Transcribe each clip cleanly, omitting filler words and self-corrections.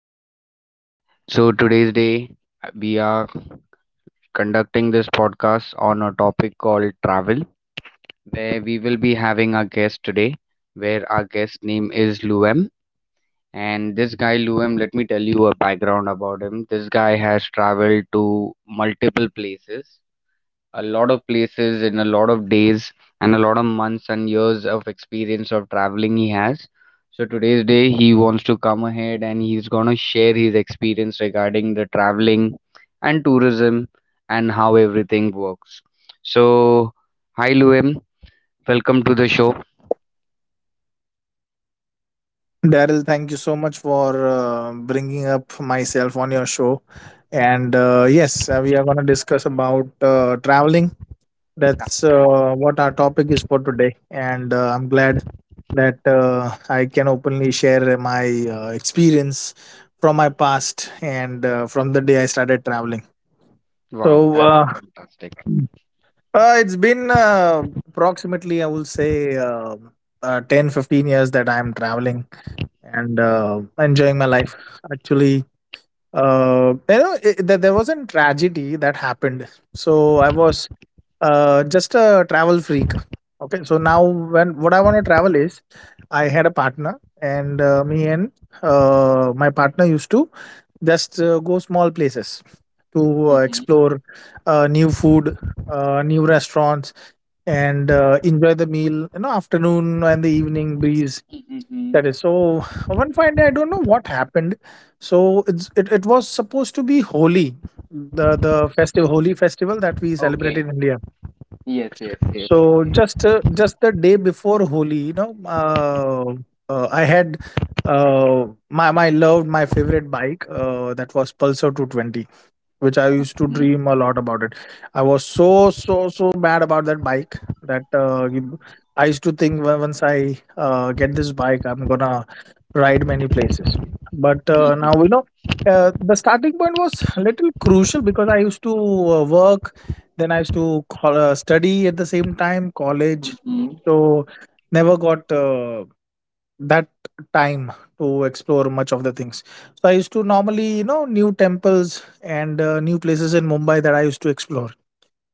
here. So today's day we are conducting this podcast on a topic called travel, where we will be having our guest today, where our guest name is Luem. And this guy Luem, let me tell you a background about him. This guy has traveled to multiple places, a lot of places, in a lot of days and a lot of months and years of experience of traveling he has. So today's day he wants to come ahead and he's gonna share his experience regarding the traveling and tourism and how everything works. So hi Luem, welcome to the show. Daryl, thank you so much for bringing up myself on your show. And yes, we are going to discuss about traveling. That's That's right. What our topic is for today. And I'm glad that I can openly share my experience from my past and from the day I started traveling. Wow, So that's uh, fantastic. uh, it's been approximately, I will say, 10 15 years that I'm traveling and enjoying my life. Actually, there wasn't tragedy that happened. So I was just a travel freak. Okay, so now when what I want to travel is, I had a partner, and me and my partner used to just go small places to Mm-hmm, explore new food, new restaurants, and enjoy the meal. You know, afternoon and the evening breeze, mm-hmm. that is so. One fine day, I don't know what happened. So it was supposed to be Holi, the festival, Holi festival, that we celebrate Okay. in India. Yes, yes, yes. So just the day before Holi, you know, I had my favorite bike, that was Pulsar 220, which I used to Mm-hmm, dream a lot about it. I was so bad about that bike that I used to think, "Well, once I get this bike, I'm gonna ride many places." But now mm-hmm, the starting point was little crucial because I used to work, then I used to call, study at the same time, college. mm-hmm. So never got that time to explore much of the things. So I used to normally, you know, new temples and new places in Mumbai that I used to explore,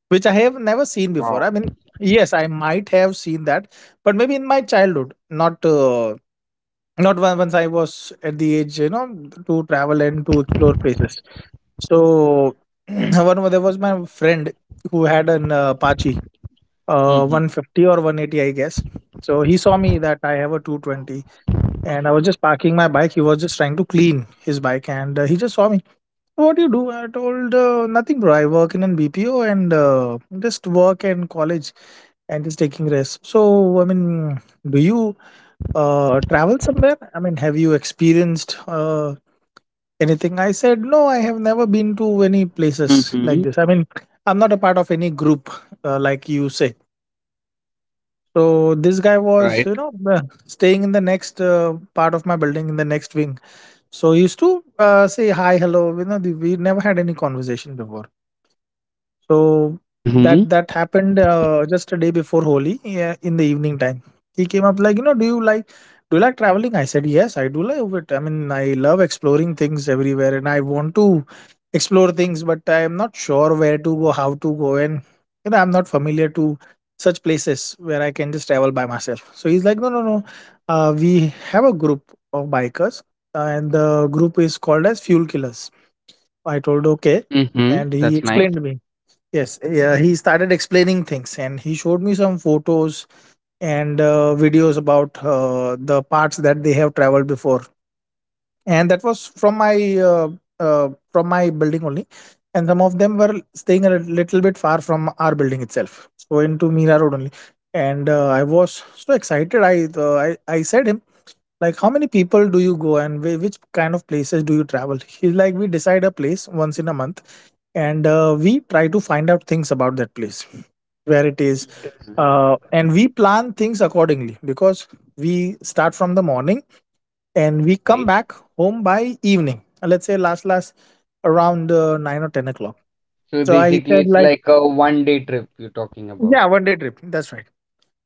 which I have never seen before. Wow. I mean, yes, I might have seen that, but maybe in my childhood, not once I was at the age, you know, to travel and to explore places. So one there was my friend who had an Apache, Mm-hmm, 150 or 180, I guess. So he saw me that I have a 220, and I was just parking my bike. He was just trying to clean his bike, and he just saw me. What do you do? I told, nothing, bro. I work in an BPO and just work and college and just taking rest. So I mean, do you travel somewhere? I mean, have you experienced anything? I said no. I have never been to any places mm-hmm. like this. I mean, I'm not a part of any group, like you say. So this guy was, Right. you know, staying in the next part of my building, in the next wing. So used to say hi, hello. You know, we never had any conversation before. So Mhm. that happened just a day before Holi, yeah, in the evening time. He came up like, you know, do you like traveling? I said, yes, I do love it. I mean, I love exploring things everywhere, and I want to explore things, but I am not sure where to go, how to go, and, you know, I'm not familiar to such places where I can just travel by myself. So he's like, no, no, no. We have a group of bikers, and the group is called as Fuel Killers. I told, okay, Mm-hmm. and he That's nice. explained me. Yes, yeah, he started explaining things, and he showed me some photos and videos about the parts that they have traveled before. And that was from my building only. And some of them were staying a little bit far from our building itself. So into Mira Road only. And I was so excited. I said, like, how many people do you go, and which kind of places do you travel? He's like, we decide a place once in a month, and we try to find out things about that place, where it is, and we plan things accordingly, because we start from the morning and we come Right. back home by evening, let's say last around 9 or 10 o'clock. So So I basically, said, it's like, like a one day trip you're talking about. yeah, one day trip, that's right.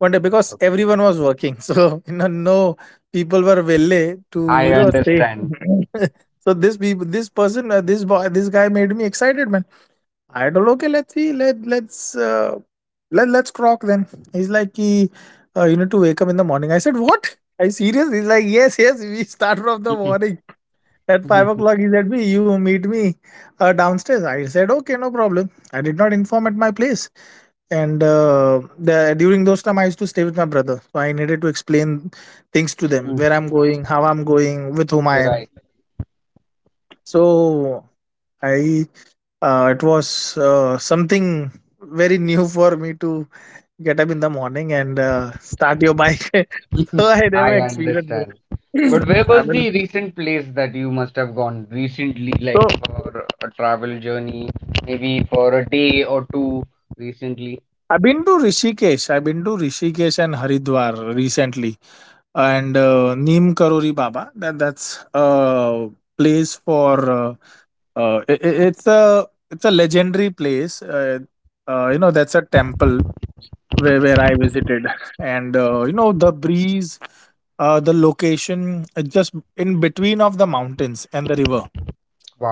One day, because Okay. everyone was working, so you know, no people were Mhm. willing to, I say. understand. So this people, this person, this boy, this guy made me excited, man. I don't know. Okay, let's see. Let's crock then. He's like, you need to wake up in the morning. I said, what? Are you serious? He's like, yes, yes. We start from the Mhm. morning. At five Mhm. o'clock, he said me, "You meet me downstairs." I said, "Okay, no problem." I did not inform at my place, and during those time, I used to stay with my brother, so I needed to explain things to them, Mhm. where I'm going, how I'm going, with whom I am. Right. So I, it was something very new for me to get up in the morning and start your bike. Mhm. So I never I understand. experienced. But where I was mean, the recent place that you must have gone recently, like so for a travel journey, maybe for a day or two recently? I've been to Rishikesh. I've been to Rishikesh and Haridwar recently, and Neem Karori Baba. That's a place for it's a legendary place. You know, that's a temple where I visited, and you know, the breeze, the location, just in between of the mountains and the river.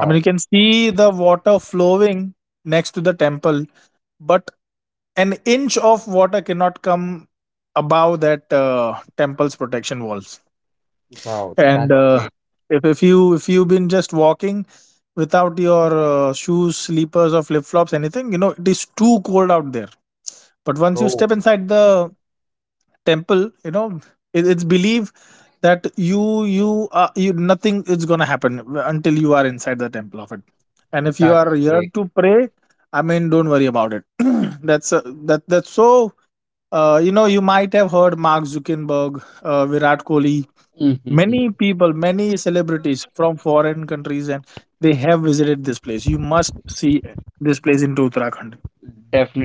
I mean, you can see the water flowing next to the temple, but an inch of water cannot come above that temple's protection walls. Wow. And That's great. If you've been just walking without your shoes, slippers, or flip flops, anything, you know it is too cold out there. But once you step Oh, inside the temple, you know it's believed that you are you nothing is gonna happen until you are inside the temple of it. And if you are that's here great. to pray, I mean, don't worry about it. That's so, you know, you might have heard Mark Zuckerberg, Virat Kohli, many people, many celebrities from foreign countries, and they have visited this place. You must see this place in Uttarakhand.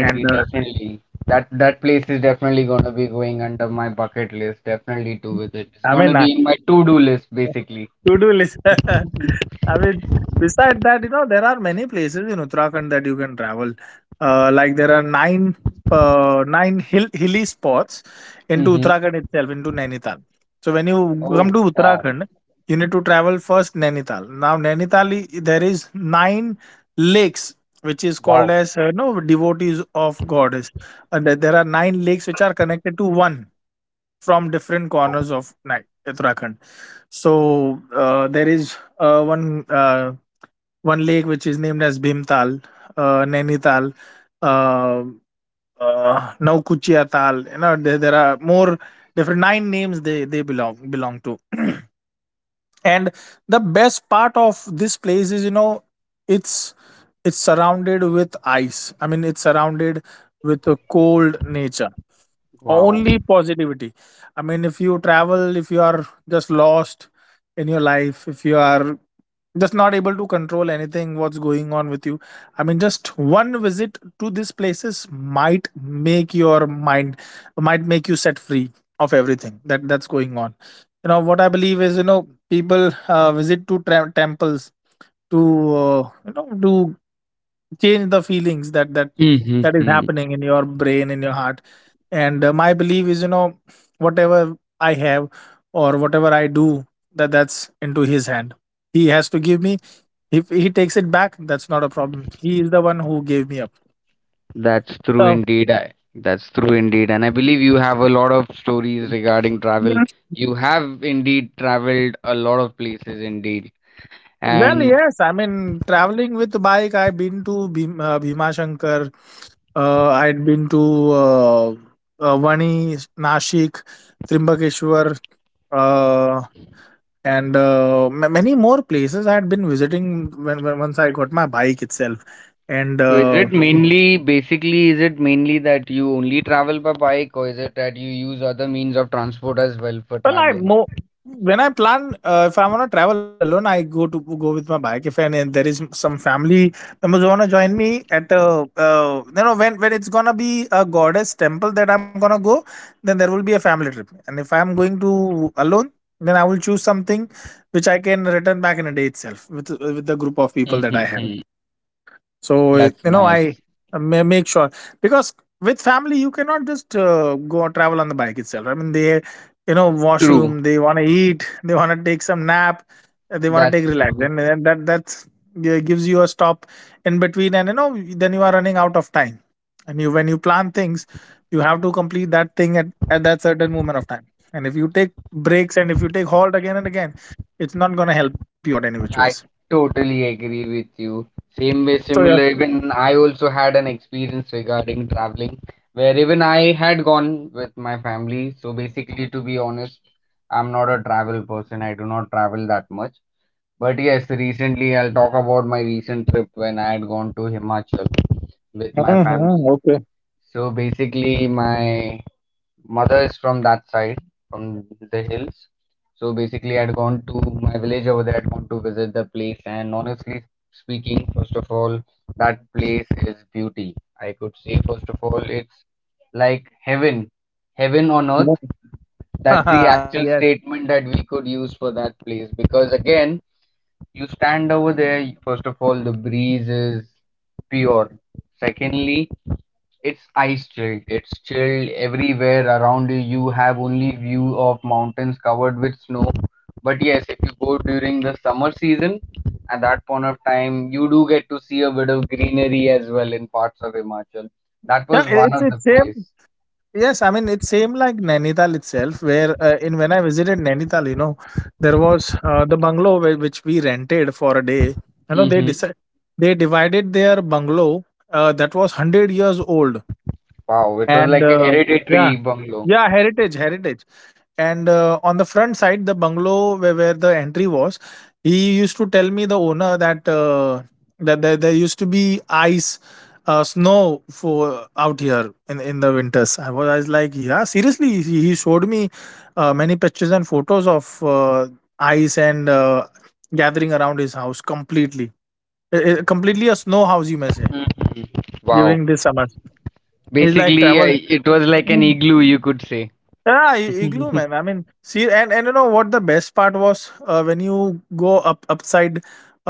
And definitely. That place is definitely gonna be going under my bucket list. Definitely to visit. It's I mean, gonna be in my to-do list basically. to-do list. I mean, besides that, you know, there are many places in Uttarakhand that you can travel. Like, there are nine hilly spots into Mm-hmm. Uttarakhand itself, into Nainital. So when you come Oh, to wow. Uttarakhand, you need to travel first Nainital. Now Nainital, there is nine lakes which is called Wow. as, you know, devotees of goddess. And there are nine lakes which are connected to one from different Wow. corners of Uttarakhand. So there is one lake which is named as Bhimtal, Nainital, uh, Naukuchia Tal. You know there are more different nine names they belong to, and the best part of this place is, you know, it's it's surrounded with ice. I mean, it's surrounded with a cold nature, Wow. only positivity. I mean, if you travel, if you are just lost in your life, if you are just not able to control anything, what's going on with you, I mean, just one visit to these places might make your mind, might make you set free of everything that's going on. You know what I believe is, you know, people visit to temples to, you know, to change the feelings that is Mm-hmm. happening in your brain, in your heart. And my belief is, you know, whatever I have or whatever I do, that's into his hand. He has to give me. If he takes it back, that's not a problem. He is the one who gave me up. That's true So indeed. That's true indeed. And I believe you have a lot of stories regarding travel. yes. You have indeed traveled a lot of places indeed. Well, And yes, I mean, traveling with bike, I've been to Bhima Shankar, I'd been to uh, Vani Nashik, Trimbakeshwar, uh, and many more places I had been visiting when, once I got my bike itself. And so is it mainly, basically, is it mainly that you only travel by bike or is it that you use other means of transport as well for well, I traveling? more when I plan, if I want to travel alone, I go to go with my bike. If And there is some family members who want to join me at, you know, when it's gonna be a goddess temple that I'm gonna go, then there will be a family trip. And if I'm going to alone, then I will choose something which I can return back in a day itself with the group of people that I have. Mm-hmm. So it- That's you know, I nice. Make sure because with family you cannot just go and travel on the bike itself. I mean, they, True. washroom, they want to eat, they want to take some nap, they want to That's take relax, true. and that's yeah, gives you a stop in between, and then you are running out of time. When you I, plan things, you have to complete that thing at that certain moment of time. And if you take breaks and if you take halt again and again, it's not going to help you out any which ways. I totally agree with you. Same way, So yeah. similar. Even I also had an experience regarding traveling where even I had gone with my family. So basically, to be honest, I'm not a travel person. I do not travel that much. But yes, recently I'll talk about my recent trip when I had gone to Himachal with my Hmm, family. okay. So basically, my mother is from that side, from the hills. So basically, I'd gone to my village over there, I'd gone to visit the place. And honestly speaking, first of all, that place is beauty. I could say, first of all, it's like heaven, heaven on earth. That's the Yes. actual statement that we could use for that place. Because again, you stand over there, first of all, the breeze is pure. Secondly, it's ice chilled. It's chilled everywhere around you. You have only view of mountains covered with snow. But yes, if you go during the summer season, at that point of time, you do get to see a bit of greenery as well in parts of Himachal. That Yeah, was i- one it's of the it's same. place. Yes, I mean it's same like Nainital itself, where in when I visited Nainital, there was the bungalow which we rented for a day. You know, Mm-hmm. They divided their bungalow that was 100 years old, Wow, it was and like a yeah. hereditary bungalow. Yeah, heritage, heritage. And on the front side, the bungalow where the entry was, he used to tell me the owner that that there used to be ice, snow for out here in the winters. I was like, yeah, seriously. He showed me many pictures and photos of ice and gathering around his house completely. Completely a snow house, you may say, Mhm. Wow. during this summer. It's like Basically, travel. It was like an igloo, you could say. Yeah, igloo, man. I mean, see, and you know what the best part was, when you go up upside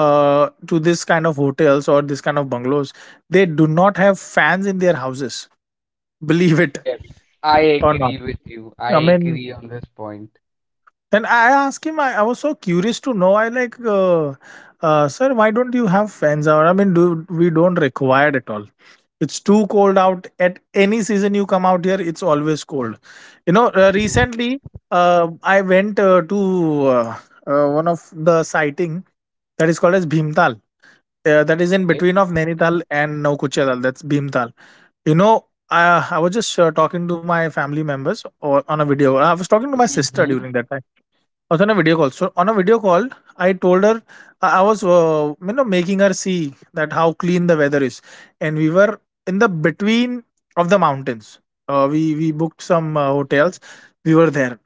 to this kind of hotels or this kind of bungalows, they do not have fans in their houses. Believe it Yes, I or not. agree with you. I I mean, agree on this point. and I asked him, I was so curious to know. I like, sir, why don't you have fans out? I mean, do we don't require it at all. It's too cold out. At any season you come out here, it's always cold. You know, recently I went to one of the sighting that is called as Bhimtal. That is in Okay. between of Nainital and Naukuchadal. That's Bhimtal. You know, I was just talking to my family members or, on a video. I was talking to my sister Mm-hmm. during that time I was on a video call. So on a video call, I told her I was making her see that how clean the weather is, and we were in the between of the mountains. We booked Wow. some hotels. We were there.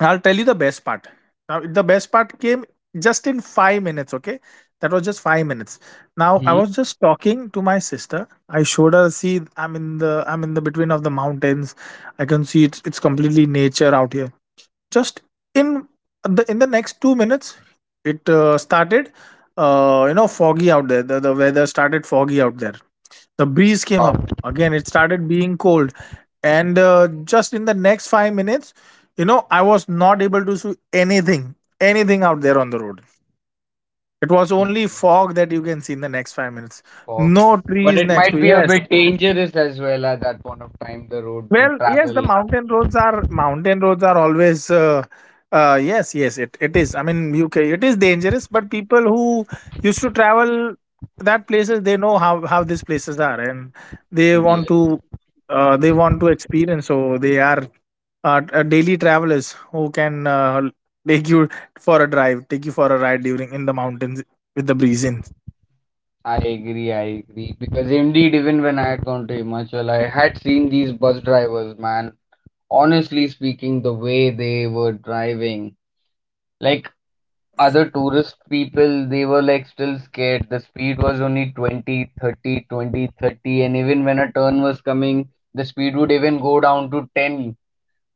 I'll tell you the best part. Now the best part came just in 5 minutes. Okay, that was just 5 minutes. Now I Mm-hmm. was just talking to my sister. I showed her. See, I'm in the between of the mountains. I can see it's completely nature out here just in in the next 2 minutes. It started foggy out there, the weather started foggy out there, the breeze came Wow. up again, it started being cold, and just in the next 5 minutes, I was not able to see anything, anything out there on the road. It was only Mm-hmm. fog that you can see in the next 5 minutes. Fog. No But trees it next might to. be a Yes. bit dangerous as well at that point of time, the road to Well, yes, the travel. Mountain roads are always yes, yes, it is. I mean, UK, it is dangerous, but people who used to travel that places, they know how these places are, and they want Yes, to they want to experience. So they are daily travelers who can take you for a drive, take you for a ride during in the mountains with the breeze in. I agree. I agree. Because indeed, even when I had gone to Himachal, I had seen these bus drivers, man. Honestly speaking, the way they were driving, like other tourist people, they were like still scared. The speed was only 20, 30, 20, 30, and even when a turn was coming, the speed would even go down to 10.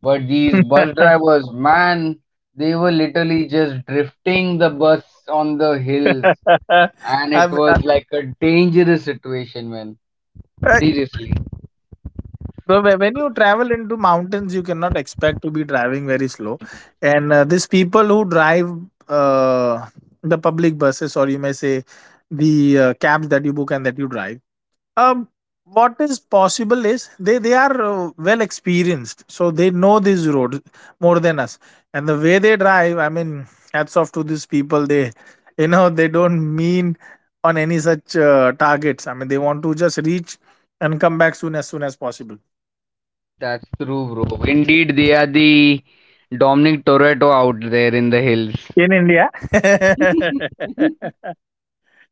But these bus I drivers, man, they mean, were literally just drifting the bus on the hills, and it I've- was like a dangerous situation, man. uh, Seriously, So when you travel into mountains, you cannot expect to be driving very slow. And these people who drive uh, the public buses, or you may say the cabs that you book and that you drive, um, what is possible is they are well experienced, so they know these roads more than us. And the way they drive, I mean, hats off to these people. They don't mean on any such targets. I mean, they want to just reach and come back soon as possible that's true, bro. Indeed, they are the Dominic Toretto out there in the hills. in India.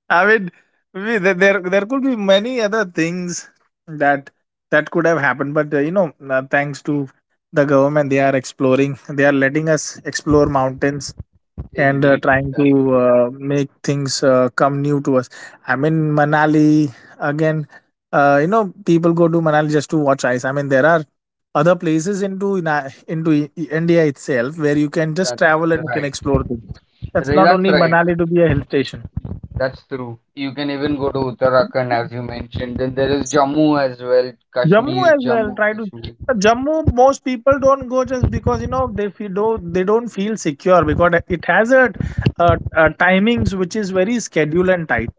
I mean, there could be many other things that that could have happened, but thanks to the government, they are exploring. They are letting us explore mountains and Indeed, trying to that's true. Make things come new to us. I mean, Manali again. People go to Manali just to watch ice. I mean, there are other places into India itself where you can just That's travel and you can right. explore things. That's not That's only right. Manali to be a hill station. That's true. You can even go to Uttarakhand as you mentioned. Then there is Jammu as well, Jammu Kashmir, as well. Jammu, Try to Kashmir. Jammu. Most people don't go just because you know they feel don't they don't feel secure because it has a timings which is very scheduled and tight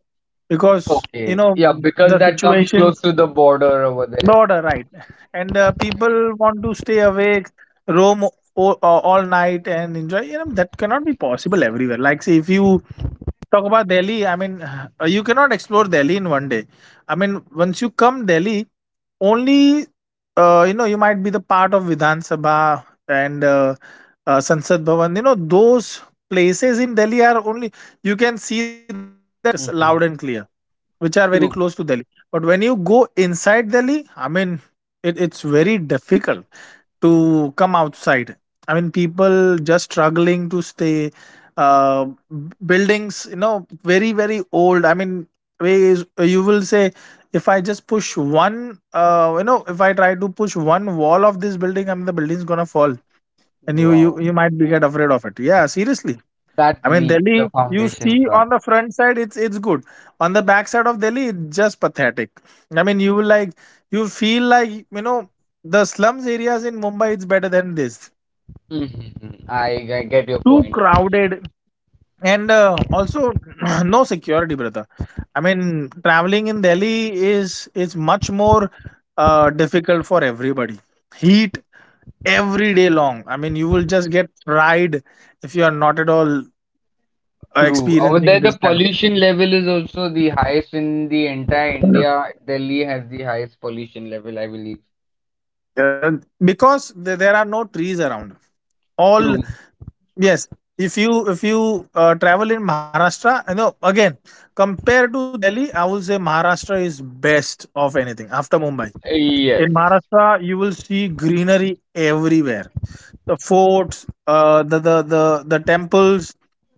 because you Okay. know Yeah, because the that comes close situations to the border over there. not are right, and That's right. people want to stay awake, roam all night, and enjoy. You know that cannot be possible everywhere. Like, say if you talk about Delhi, I mean, you cannot explore Delhi in one day. I mean, once you come Delhi, only you might be the part of Vidhan Sabha and Sansad Bhavan. You know, those places in Delhi are only, you can see that very well 'cause loud Mm-hmm. and clear, which are very True. close to Delhi. But when you go inside Delhi, I mean, it's very difficult to come outside. I mean, people just struggling to stay. Uh, Buildings, you know, very very old. I mean, ways you will say, if I just push one, you know, if I try to push one wall of this building, I mean, the building's gonna fall, and you you Wow. you might be get afraid of it. Yeah, seriously. That I mean, weak the Delhi, you see foundations are. on the front side, it's good. On the back side of Delhi, it's just pathetic. I mean, you feel like the slums areas in Mumbai. It's better than this. hmm I, I get your Too point. crowded, and also no security, brother. I mean, traveling in Delhi is much more difficult for everybody. Heat every day long. I mean, you will just get fried if you are not at all True. Over experiencing there, the this kind pollution level is also the highest in the entire of. India. Delhi has the highest pollution level, I believe. Uh, because there are no trees around, all. True. Yes, if you travel in Maharashtra, you know, again compared to Delhi, I will say Maharashtra is best of anything after Mumbai. In Yes. Maharashtra you will see greenery everywhere, the forts, the temples,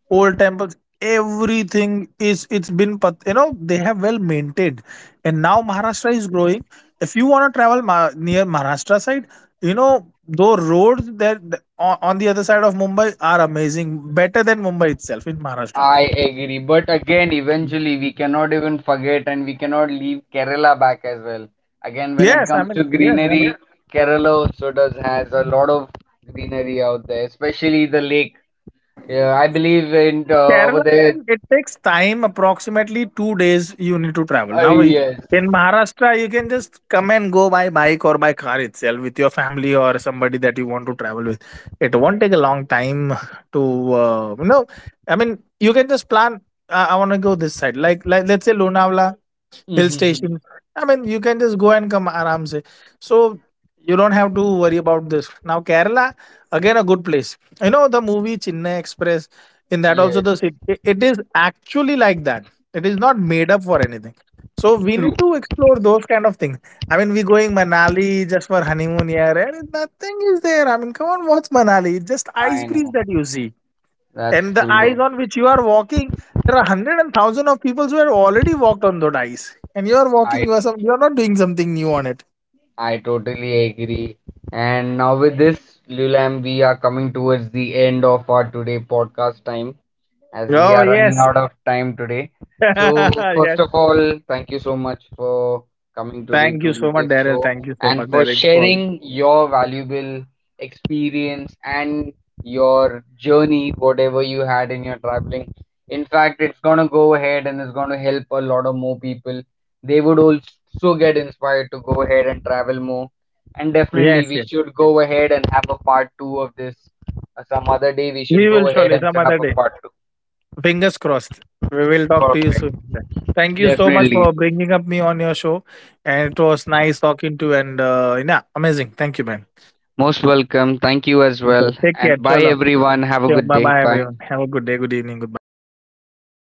old temples, everything is it's been pat- you know they have well maintained, and now Maharashtra is growing. If you want to travel near Maharashtra side, you know, the roads that on the other side of Mumbai are amazing, better than Mumbai itself in Maharashtra. I agree. But again, eventually, we cannot even forget and we cannot leave Kerala back as well. Again, when it Yes, I comes to mean, yes, greenery, yeah, Kerala also does has a lot of greenery out there, especially the lake. Yeah, I believe in Kerala, over there. it takes time, approximately 2 days you need to travel. Now, Yes. in Maharashtra, you can just come and go by bike or by car itself with your family or somebody that you want to travel with. It won't take a long time to, uh, you know, I mean, you can just plan. I want to go this side. Let's say Lonavala, hill Mm-hmm. station. I mean, you can just go and come aram se. So you don't have to worry about this. Now Kerala, again a good place. You know the movie Chennai Express. In that also Yes. the city, it is actually like that. It is not made up for anything. So we need True. to explore those kind of things. I mean, we're going Manali just for honeymoon here, and nothing is there. I mean, come on, what's Manali? Just ice I breeze know. that you see. That's And the ice true. on which you are walking, there are hundred and thousand of people who have already walked on that ice. And you are walking, I. You are not doing something new on it. I totally agree. And now with this, Lulam, we are coming towards the end of our today podcast time as we Oh, are running yes. out of time today. So first Yes. of all, thank you so much for coming today Thank you to so much, this Daryl. show Thank you so and much, for Daryl. For. sharing your valuable experience and your journey, whatever you had in your traveling. In fact, it's gonna go ahead and it's gonna help a lot of more people they would also get inspired to go ahead and travel more. And definitely, Yes, we yes. should go ahead and have a part two of this. Some other day, we We should will go ahead surely and some set other up a day. part two. Fingers crossed. We will talk to you Perfect. soon. Thank you so much Definitely. for bringing up me on your show. And it was nice talking to you. And yeah, amazing. Thank you, man. Most welcome. Thank you as Okay. well. Take care. And bye, Chalo. everyone. Have a good Bye day. bye, Bye. everyone. Have a good day, good evening, goodbye.